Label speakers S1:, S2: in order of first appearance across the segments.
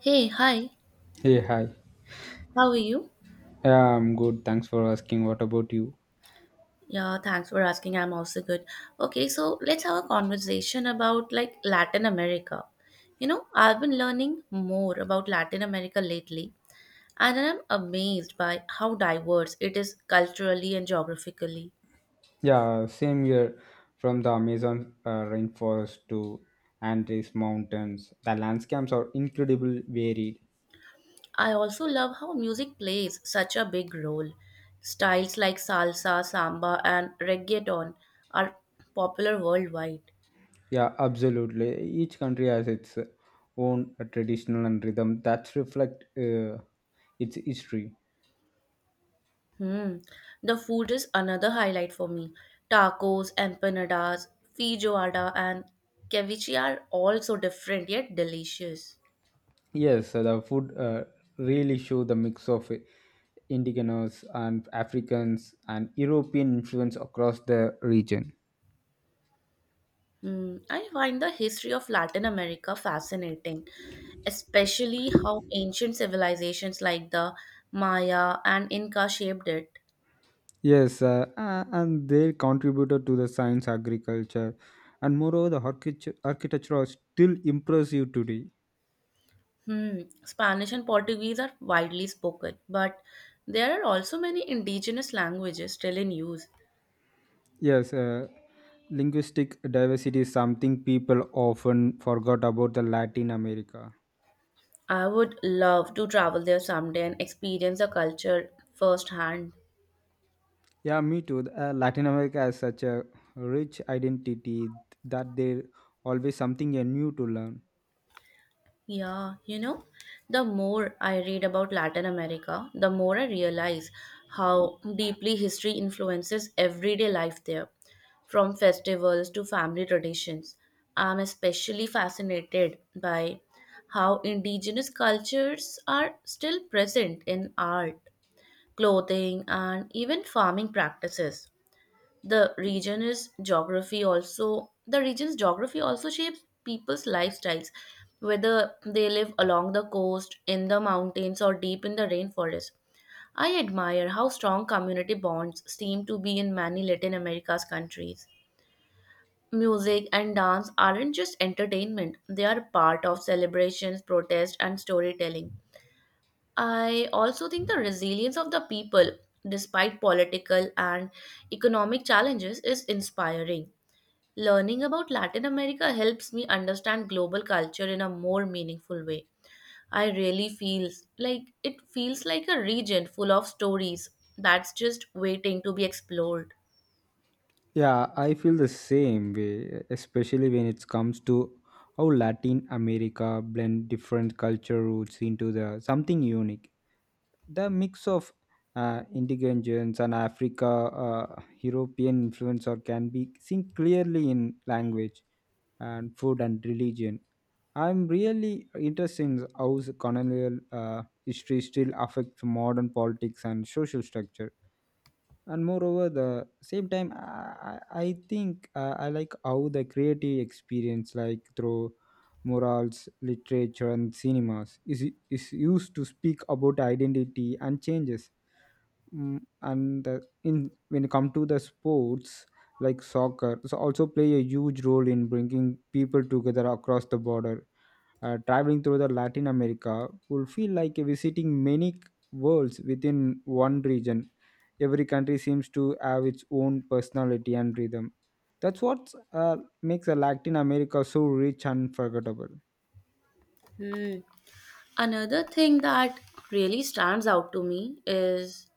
S1: Hey, hi.
S2: Hey, hi.
S1: How are you?
S2: Yeah, I'm good. Thanks for asking. What about you?
S1: Yeah, thanks for asking. I'm also good. Okay, so let's have a conversation about like Latin America. You know, I've been learning more about Latin America lately, and I'm amazed by how diverse it is culturally and geographically.
S2: Yeah, same here. From the Amazon rainforest to Andes mountains, the landscapes are incredibly varied.
S1: I also love how music plays such a big role. Styles like salsa, samba, and reggaeton are popular worldwide.
S2: Yeah, absolutely. Each country has its own traditional and rhythm that reflect its history.
S1: Hmm. The food is another highlight for me. Tacos, empanadas, feijoada, and ceviche are all so different yet delicious.
S2: Yes, so the food really show the mix of indigenous and Africans and European influence across the region.
S1: Hmm. I find the history of Latin America fascinating, especially how ancient civilizations like the Maya and Inca shaped it.
S2: Yes, and they contributed to the science, agriculture, and moreover, the architecture are still impressive today.
S1: Hmm. Spanish and Portuguese are widely spoken, but there are also many indigenous languages still in use.
S2: Yes, linguistic diversity is something people often forgot about the Latin America.
S1: I would love to travel there someday and experience the culture firsthand.
S2: Yeah, me too. Latin America has such a rich identity that there always something new to learn.
S1: Yeah, you know, the more I read about Latin America, the more I realize how deeply history influences everyday life there, from festivals to family traditions. I'm especially fascinated by how indigenous cultures are still present in art, clothing, and even farming practices. The region's geography also shapes people's lifestyles, whether they live along the coast, in the mountains, or deep in the rainforest. I admire how strong community bonds seem to be in many Latin America's countries. Music and dance aren't just entertainment, they are part of celebrations, protest, and storytelling. I also think the resilience of the people despite political and economic challenges is inspiring. Learning about Latin America helps me understand global culture in a more meaningful way. I really feels like it feels like a region full of stories that's just waiting to be explored.
S2: Yeah, I feel the same way, especially when it comes to how Latin America blend different culture roots into the something unique. The mix of indigenous and Africa European influence or can be seen clearly in language and food and religion. I'm really interested in how the colonial history still affects modern politics and social structure, and moreover the same time I think, I like how the creative experience like through morals, literature, and cinemas is used to speak about identity and changes. And the, in when it come to the sports like soccer so also play a huge role in bringing people together across the border. Traveling through the Latin America will feel like visiting many worlds within one region. Every country seems to have its own personality and rhythm. That's what makes a Latin America so rich and forgettable.
S1: Hmm. Another thing that really stands out to me is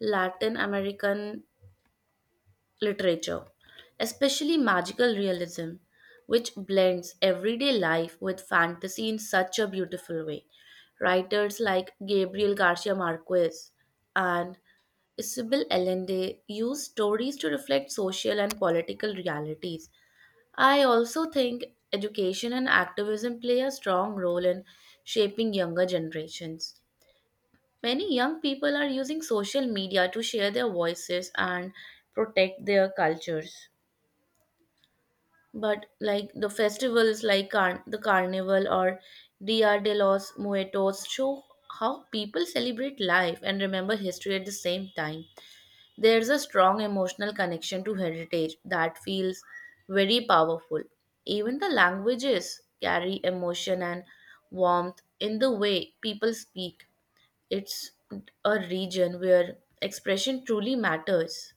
S1: Latin American literature, especially magical realism, which blends everyday life with fantasy in such a beautiful way. Writers like Gabriel Garcia Marquez and Isabel Allende use stories to reflect social and political realities. I also think education and activism play a strong role in shaping younger generations. Many young people are using social media to share their voices and protect their cultures, but like the festivals like the carnival or Dia de los Muertos show how people celebrate life and remember history at the same time. There's a strong emotional connection to heritage that feels very powerful. Even the languages carry emotion and warmth in the way people speak. It's a region where expression truly matters.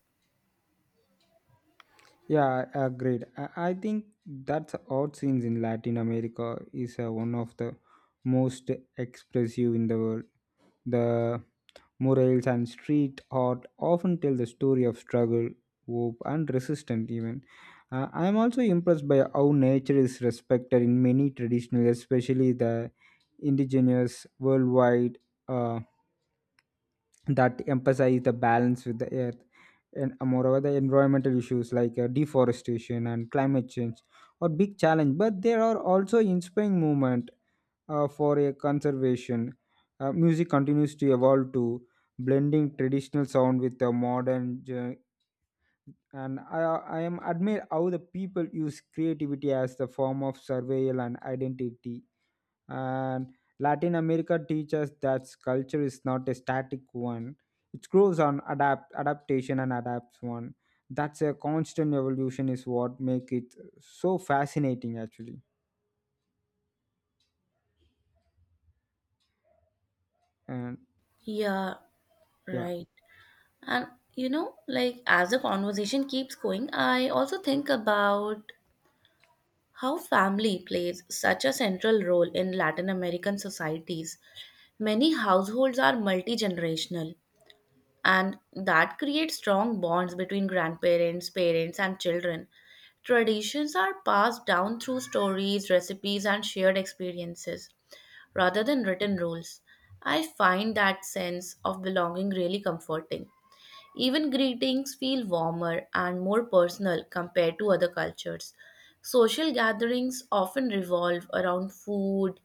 S2: Yeah, agreed. I think that's odd scenes in Latin America is one of the most expressive in the world. The murals and street art often tell the story of struggle, hope, and resistance. Even, I am also impressed by how nature is respected in many traditional, especially the indigenous worldwide. Uh, that emphasize the balance with the earth. And moreover the environmental issues like deforestation and climate change are big challenge, but there are also inspiring movement for a conservation. Music continues to evolve to blending traditional sound with the modern and I am admire how the people use creativity as the form of survival and identity. And Latin America teaches that culture is not a static one. It grows on adaptation and adapts one. That's a constant evolution is what make it so fascinating actually. And
S1: Yeah,
S2: yeah.
S1: right. And you know, like as the conversation keeps going, I also think about how family plays such a central role in Latin American societies. Many households are multi generational, and that creates strong bonds between grandparents, parents, and children. Traditions are passed down through stories, recipes, and shared experiences rather than written rules. I find that sense of belonging really comforting. Even greetings feel warmer and more personal compared to other cultures. Social gatherings often revolve around food,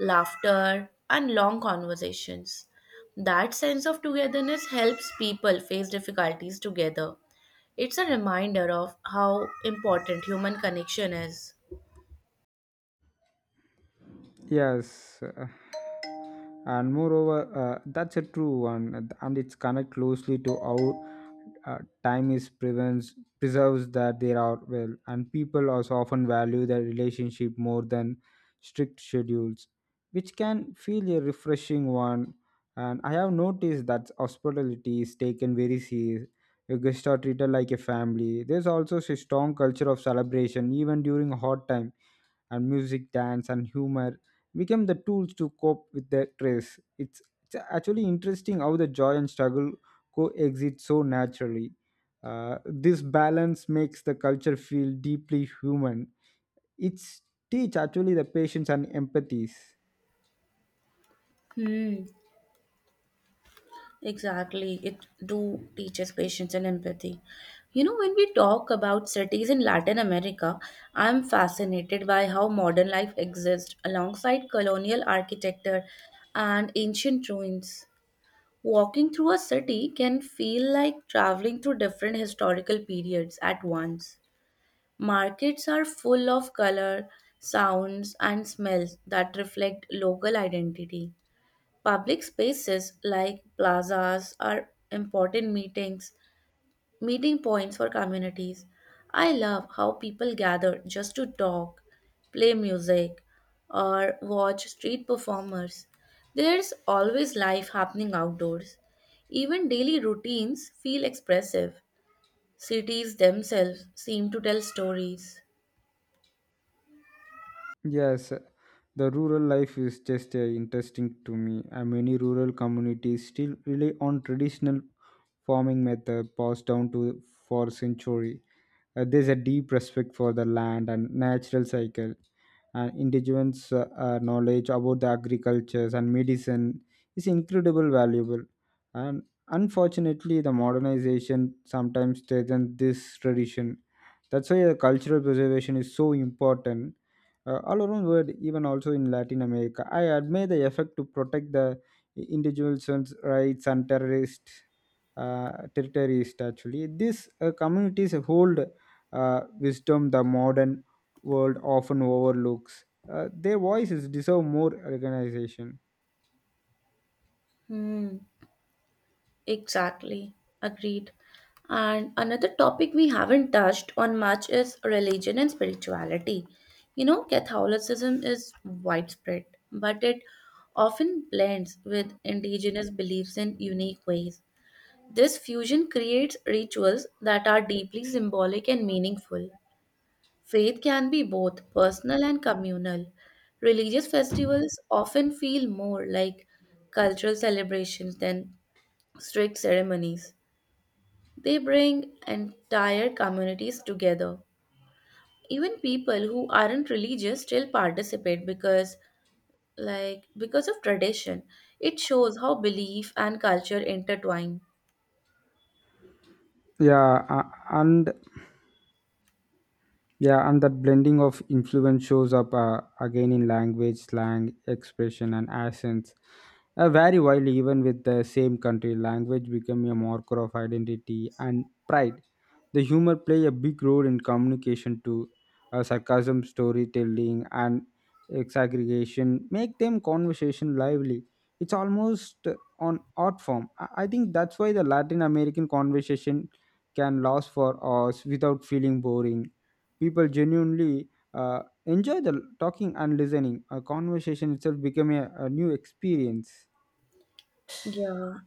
S1: laughter, and long conversations. That sense of togetherness helps people face difficulties together. It's a reminder of how important human connection is.
S2: Yes, and moreover that's a true one. And it's connect closely to our time is prevents preserves that there are well. And people also often value their relationship more than strict schedules, which can feel a refreshing one. And I have noticed that hospitality is taken very serious. Your guests are treated like a family. There's also a strong culture of celebration even during hard time. And music, dance, and humor became the tools to cope with their stress. It's actually interesting how the joy and struggle coexist so naturally. This balance makes the culture feel deeply human. It's teach actually the patience and empathies.
S1: Hmm. Exactly. It do teaches patience and empathy. You know, when we talk about cities in Latin America, I'm fascinated by how modern life exists alongside colonial architecture and ancient ruins. Walking through a city can feel like traveling through different historical periods at once. Markets are full of color, sounds, and smells that reflect local identity. Public spaces like plazas are important meeting points for communities. I love how people gather just to talk, play music, or watch street performers. There's always life happening outdoors. Even daily routines feel expressive. Cities themselves seem to tell stories.
S2: Yes, the rural life is just interesting to me. And many rural communities still rely on traditional farming method passed down to for century. There's a deep respect for the land and natural cycle, and indigenous knowledge about the agricultures and medicine is incredible valuable. And unfortunately, the modernization sometimes strengthens this tradition. That's why the cultural preservation is so important. All around world, even also in Latin America, I admire the effort to protect the individuals' rights and terrorists territories actually. These communities hold wisdom the modern world often overlooks. Their voices deserve more recognition.
S1: Hmm. Exactly, agreed. And another topic we haven't touched on much is religion and spirituality. You know, Catholicism is widespread, but it often blends with indigenous beliefs in unique ways. This fusion creates rituals that are deeply symbolic and meaningful. Faith can be both personal and communal. Religious festivals often feel more like cultural celebrations than strict ceremonies. They bring entire communities together. Even people who aren't religious still participate because of tradition. It shows how belief and culture intertwine.
S2: Yeah uh, and Yeah, and that blending of influence shows up again in language, slang, expression, and accents. Vary widely even with the same country. Language become a marker of identity and pride. The humor play a big role in communication too. Sarcasm, storytelling, and exaggeration make them conversation lively. It's almost on art form. I think that's why the Latin American conversation can last for hours without feeling boring. People genuinely enjoy the talking and listening. A conversation itself become a new experience.
S1: Yeah.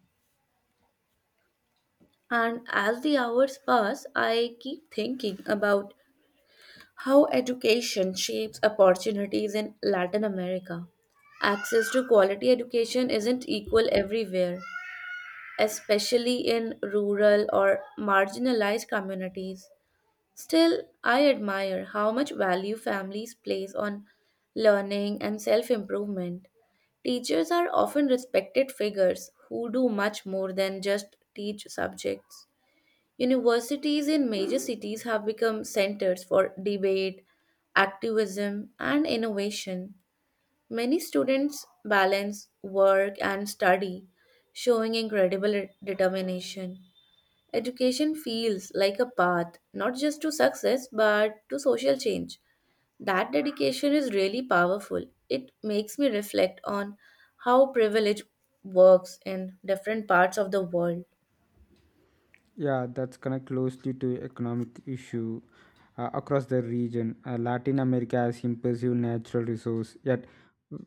S1: And as the hours pass, I keep thinking about how education shapes opportunities in Latin America. Access to quality education isn't equal everywhere, especially in rural or marginalized communities. Still, I admire how much value families place on learning and self improvement. Teachers are often respected figures who do much more than just teach subjects. Universities in major cities have become centers for debate, activism, and innovation. Many students balance work and study, showing incredible determination. Education feels like a path, not just to success, but to social change. That dedication is really powerful. It makes me reflect on how privilege works in different parts of the world.
S2: Yeah, that's connect closely to economic issue across the region. Latin America has impressive natural resource, yet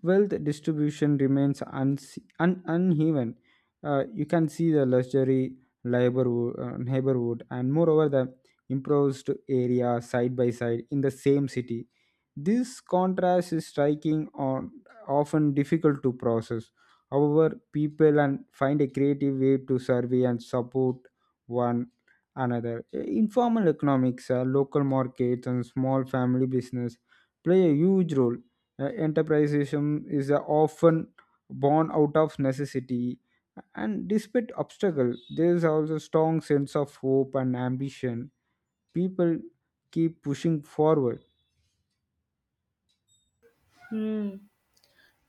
S2: wealth distribution remains uneven. You can see the luxury neighborhood, and moreover the improvised area side by side in the same city. This contrast is striking or often difficult to process. However, people and find a creative way to survey and support one another. Informal economics, local markets, and small family business play a huge role. Enterpriseism is often born out of necessity, and despite obstacle, there is also strong sense of hope and ambition. People keep pushing forward.
S1: Hmm.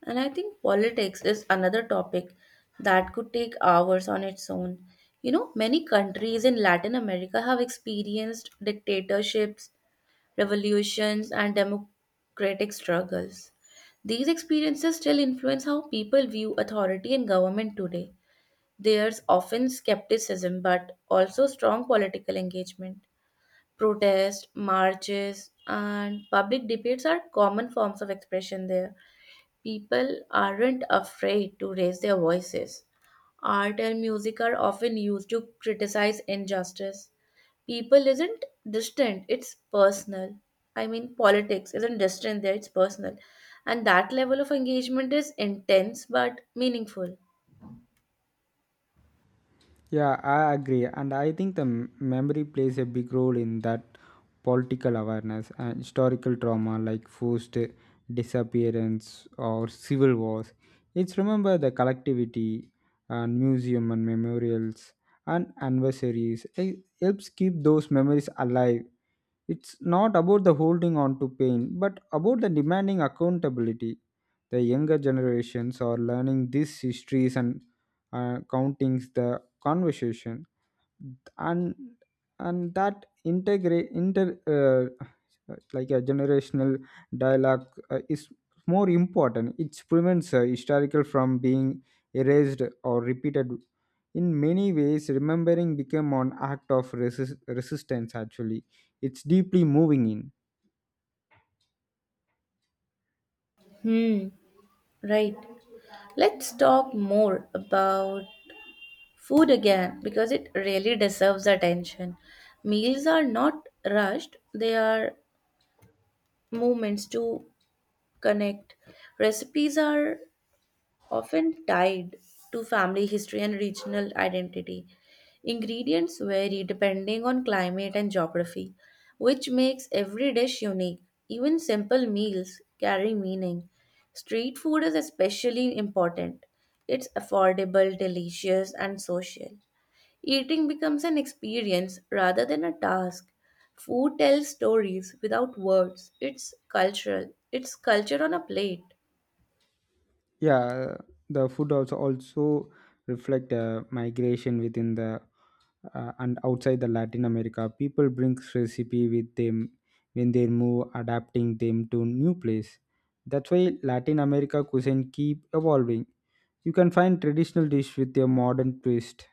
S1: And I think politics is another topic that could take hours on its own. You know, many countries in Latin America have experienced dictatorships, revolutions, and democratic struggles. These experiences still influence how people view authority and government today. There's often skepticism, but also strong political engagement. Protests, marches, and public debates are common forms of expression there. People aren't afraid to raise their voices. Art and music are often used to criticize injustice. People isn't distant, it's personal. I mean, politics isn't distant there, it's personal, and that level of engagement is intense but meaningful.
S2: Yeah, I agree. And I think the memory plays a big role in that political awareness and historical trauma like forced disappearance or civil wars. It's remember the collectivity and museum and memorials and anniversaries. It helps keep those memories alive. It's not about the holding on to pain, but about the demanding accountability. The younger generations are learning these histories and countings the conversation. And and that integrate inter like a generational dialogue is more important. It prevents historical from being erased or repeated. In many ways, remembering became an act of resistance actually. It's deeply moving in.
S1: Hmm, right. Let's talk more about food again because it really deserves attention. Meals are not rushed, they are moments to connect. Recipes are often tied to family history and regional identity. Ingredients vary depending on climate and geography, which makes every dish unique. Even simple meals carry meaning. Street food is especially important. It's affordable, delicious, and social. Eating becomes an experience rather than a task. Food tells stories without words. It's cultural. It's culture on a plate.
S2: Yeah, the food also reflect migration within the and outside the Latin America. People brings recipe with them when they move, adapting them to new place. That's why Latin America cuisine keep evolving. You can find traditional dish with a modern twist.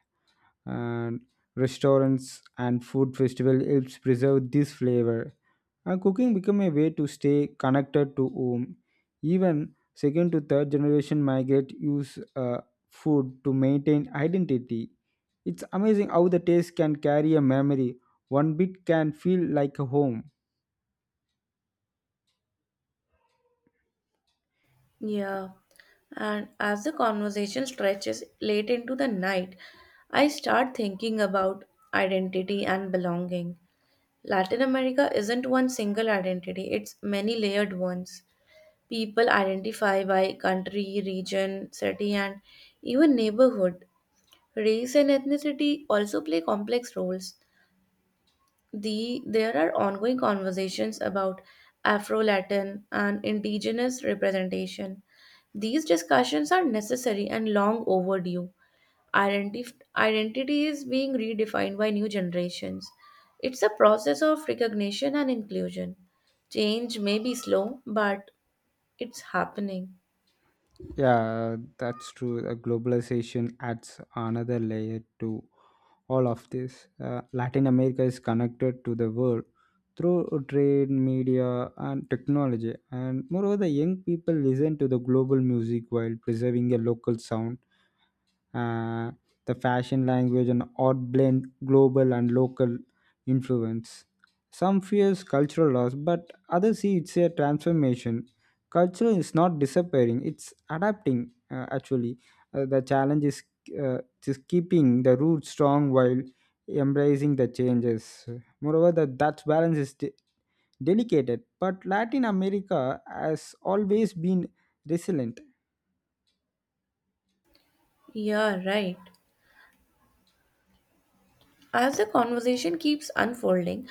S2: And restaurants and food festival helps preserve this flavor. Cooking became a way to stay connected to home. Even second to third generation migrant use food to maintain identity. It's amazing how the taste can carry a memory. One bit can feel like a home.
S1: Yeah, and as the conversation stretches late into the night, I start thinking about identity and belonging. Latin America isn't one single identity, it's many layered ones. People identify by country, region, city, and even neighborhood. Race and ethnicity also play complex roles. There are ongoing conversations about Afro-Latin and indigenous representation. These discussions are necessary and long overdue. Identity is being redefined by new generations. It's a process of recognition and inclusion. Change may be slow, but it's happening.
S2: Yeah, that's true. Globalization adds another layer to all of this. Latin America is connected to the world through trade, media, and technology. And moreover, the young people listen to the global music while preserving a local sound. uh, the fashion language and art blend global and local influence. Some fears cultural loss, but others see it's a transformation. Culture is not disappearing; it's adapting. Actually, the challenge is uh, just keeping the roots strong while embracing the changes. Moreover, that balance is delicate, but Latin America has always been resilient.
S1: Yeah, right. As the conversation keeps unfolding,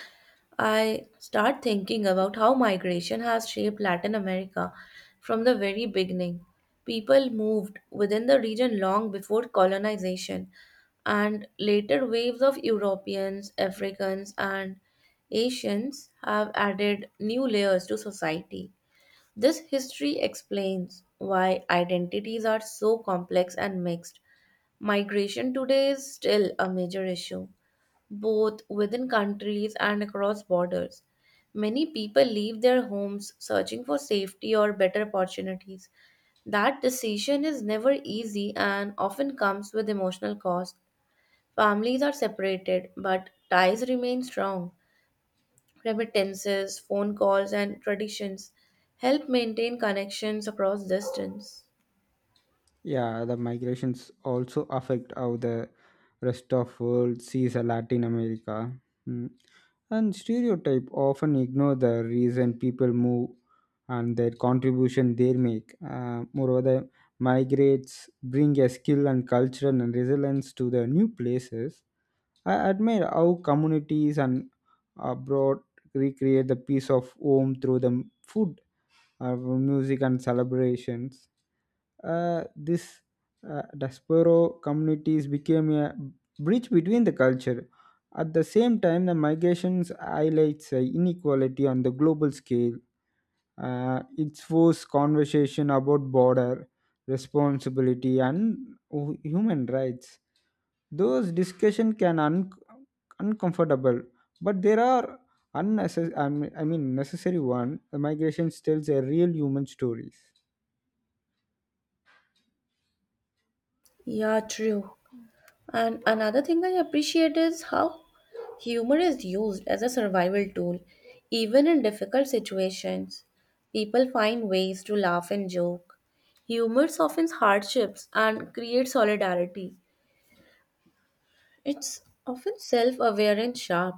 S1: I start thinking about how migration has shaped Latin America from the very beginning. People moved within the region long before colonization, and later waves of Europeans, Africans, and Asians have added new layers to society. This history explains why identities are so complex and mixed. Migration today is still a major issue, both within countries and across borders. Many people leave their homes searching for safety or better opportunities. That decision is never easy and often comes with emotional cost. Families are separated, but ties remain strong. Remittances, phone calls, and traditions help maintain connections across distance.
S2: Yeah, the migrations also affect how the rest of world sees a Latin America. Mm. And stereotype often ignore the reason people move and their contribution they make. Moreover, the migrates bring a skill and culture and resilience to the new places. I admire how communities and abroad recreate the peace of home through the food of music and celebrations. This Diaspora communities became a bridge between the culture. At the same time, the migrations highlights inequality on the global scale. It forced conversation about border responsibility and human rights. Those discussion can uncomfortable, but there are unnecessary. I mean necessary one. The migration tells a real human stories.
S1: Yeah, true. And another thing I appreciate is how humor is used as a survival tool. Even in difficult situations, people find ways to laugh and joke. Humor softens hardships and creates solidarity. It's often self aware and sharp,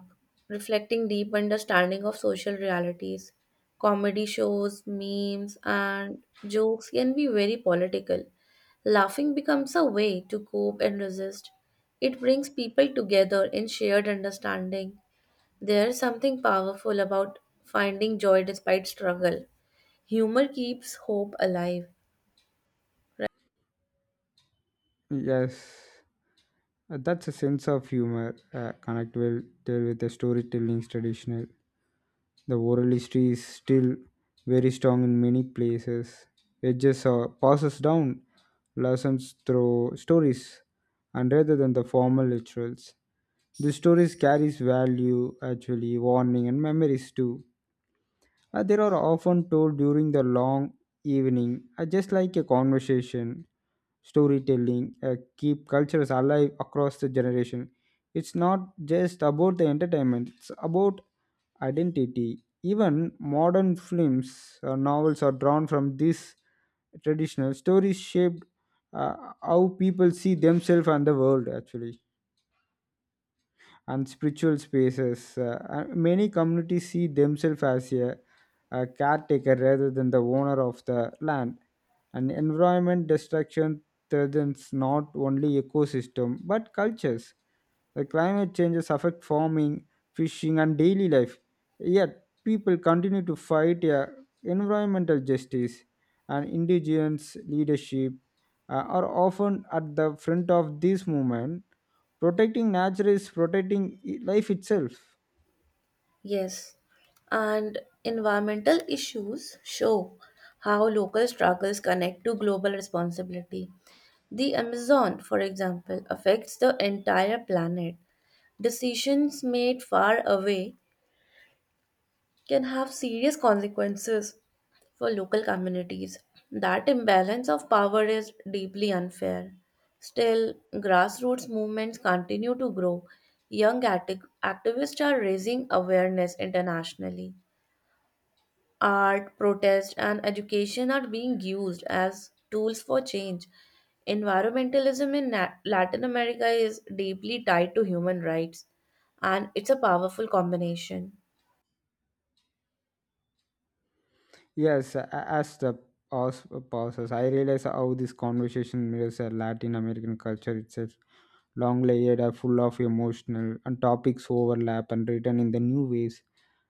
S1: reflecting deep understanding of social realities. Comedy shows, memes, and jokes can be very political. Laughing becomes a way to cope and resist. It brings people together in shared understanding. There's something powerful about finding joy despite struggle. Humor keeps hope alive.
S2: Yes, that's a sense of humor. Connect well tell with the storytelling traditional. The oral history is still very strong in many places. It just passes down lessons through stories and rather than the formal rituals. The stories carries value, actually, warning and memories too. They are often told during the long evening, just like a conversation. Storytelling, keep cultures alive across the generation. It's not just about the entertainment, it's about identity. Even modern films or novels are drawn from these traditional stories shaped uh, how people see themselves and the world actually. And spiritual spaces. Many communities see themselves as a caretaker rather than the owner of the land. And environment destruction threatens not only ecosystem but cultures. The climate changes affect farming, fishing, and daily life. Yet people continue to fight a environmental justice. And indigenous leadership are often at the front of this movement. Protecting nature is protecting life itself.
S1: Yes. And environmental issues show how local struggles connect to global responsibility. The Amazon, for example, affects the entire planet. Decisions made far away can have serious consequences for local communities. That imbalance of power is deeply unfair. Still, grassroots movements continue to grow. Young activists are raising awareness internationally. Art, protest, and education are being used as tools for change. Environmentalism in Latin America is deeply tied to human rights, and it's a powerful combination.
S2: Yes, as the pause pauses, I realize how this conversation mirrors a Latin American culture itself. Long, layered, are full of emotional, and topics overlap and written in the new ways.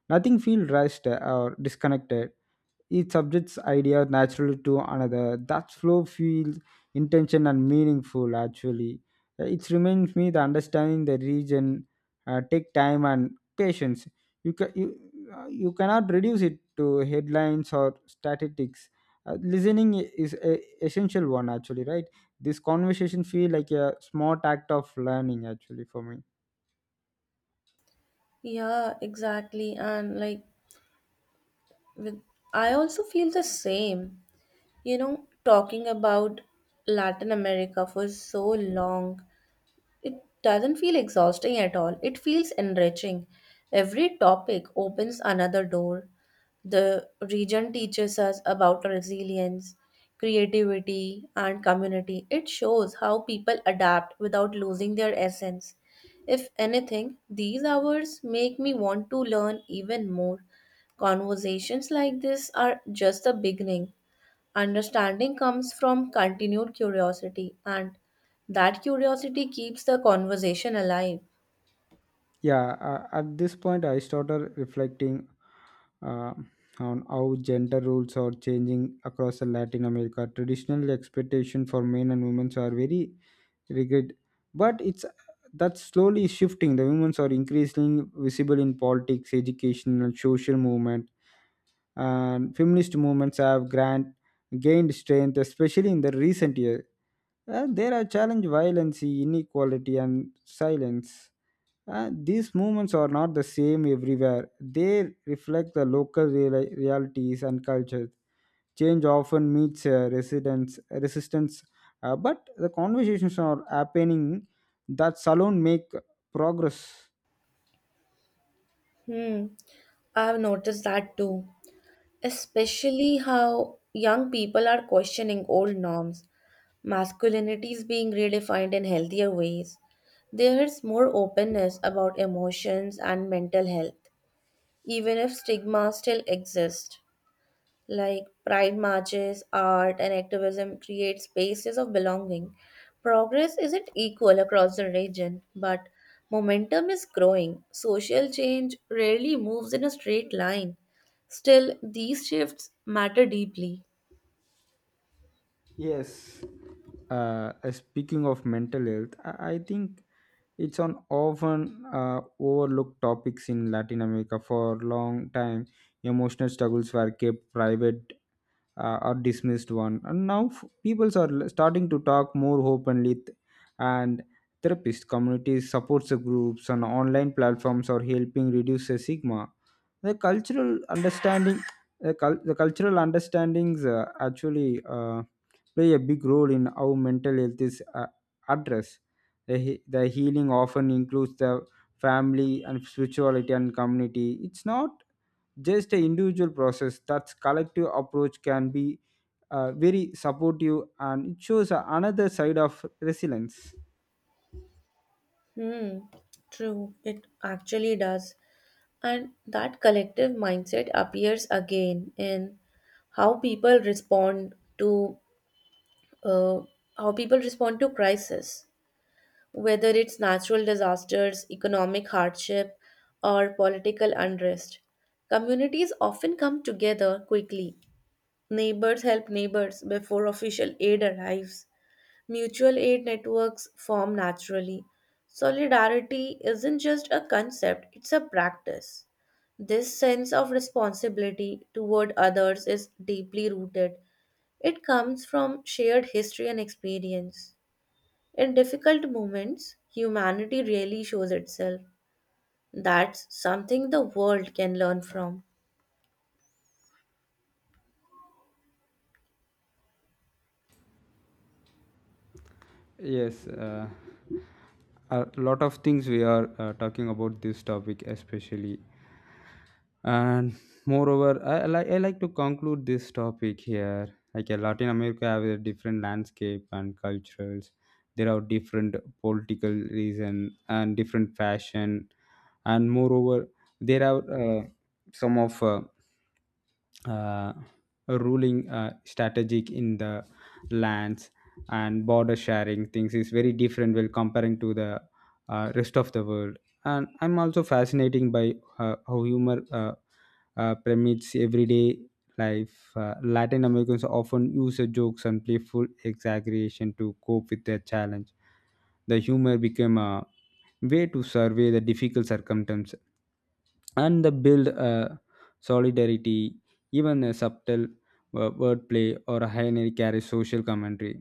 S2: Nothing feels rushed or disconnected. Each subject's idea naturally to another. That flow feels intention and meaningful actually. It reminds me the understanding the region take time and patience. You, ca- you, you cannot reduce it to headlines or statistics. Listening is a essential one actually, right? This conversation feel like a smart act of learning actually for me.
S1: Yeah, exactly. And like with I also feel the same. You know, talking about Latin America for so long, it doesn't feel exhausting at all. It feels enriching. Every topic opens another door. The region teaches us about resilience, creativity, and community. It shows how people adapt without losing their essence. If anything, these hours make me want to learn even more. Conversations like this are just the beginning. Understanding comes from continued curiosity, and that curiosity keeps the conversation alive.
S2: Yeah, at this point I started reflecting uh, on how gender roles are changing across the Latin America. Traditional expectation for men and women are very rigid, but it's that's slowly shifting. The women are increasingly visible in politics, education, and social movement, and feminist movements have gained strength, especially in the recent year. There are challenge violence, inequality, and silence. These movements are not the same everywhere. They reflect the local realities and cultures. Change often meets resistance, but the conversations are happening. That alone make progress.
S1: Hmm, I've noticed that too, especially how young people are questioning old norms. Masculinity is being redefined in healthier ways. There is more openness about emotions and mental health, even if stigma still exists. Like pride marches, art, and activism create spaces of belonging. Progress isn't equal across the region, but momentum is growing. Social change rarely moves in a straight line. Still, these shifts matter deeply.
S2: Yes. Speaking of mental health, I think it's an often overlooked topics in Latin America for a long time. Emotional struggles were kept private or dismissed one. And now peoples are starting to talk more openly and therapist communities supports groups and online platforms are helping reduce the stigma. the cultural understanding the cultural understandings actually play a big role in how mental health is addressed. The healing often includes the family and spirituality and community. It's not just an individual process. That collective approach can be very supportive. And it shows another side of resilience.
S1: Hmm, true, it actually does. And that collective mindset appears again in how people respond to uh, crisis, whether it's natural disasters, economic hardship, or political unrest. Communities often come together quickly. Neighbors help neighbors before official aid arrives. Mutual aid networks form naturally. Solidarity isn't just a concept, it's a practice. This sense of responsibility toward others is deeply rooted. It comes from shared history and experience. In difficult moments, humanity really shows itself. That's something the world can learn from.
S2: Yes, a lot of things we are talking about this topic especially. And moreover, I like to conclude this topic here. Like, Latin America have a different landscape and cultures. There are different political reason and different fashion. And moreover, there are some of uh, ruling strategic in the lands. And border sharing things is very different when comparing to the rest of the world. And I'm also fascinating by how humor permeates everyday life. Latin Americans often use the jokes and playful exaggeration to cope with their challenge. The humor became a way to survey the difficult circumstances and the build a solidarity. Even a subtle wordplay or a high carries social commentary.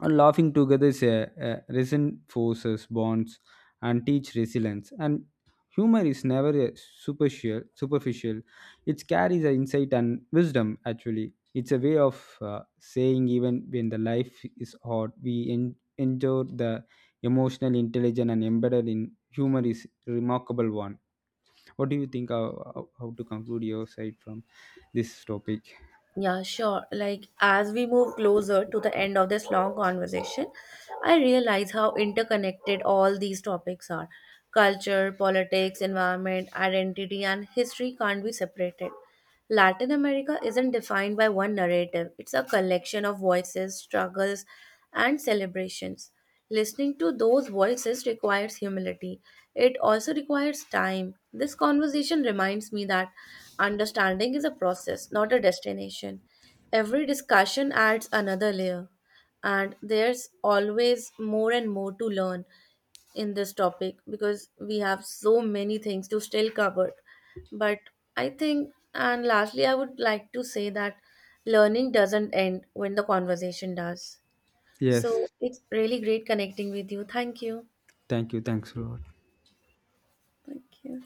S2: And laughing together is a resin bonds and teach resilience. And humor is never a superficial. It carries an insight and wisdom actually. It's a way of saying even when the life is hard we endure. The emotional intelligence and embedded in humor is remarkable one. What do you think, how to conclude your side from this topic?
S1: Yeah, sure. Like, as we move closer to the end of this long conversation, I realize how interconnected all these topics are. Culture, politics, environment, identity, and history can't be separated. Latin America isn't defined by one narrative, it's a collection of voices, struggles, and celebrations. Listening to those voices requires humility. It also requires time. This conversation reminds me that understanding is a process, not a destination. Every discussion adds another layer, and there's always more and more to learn in this topic because we have so many things to still cover. But I think, and lastly, I would like to say that learning doesn't end when the conversation does.
S2: Yes,
S1: So it's really great connecting with you. Thank you.
S2: thank you. Thanks a lot.
S1: Thank you.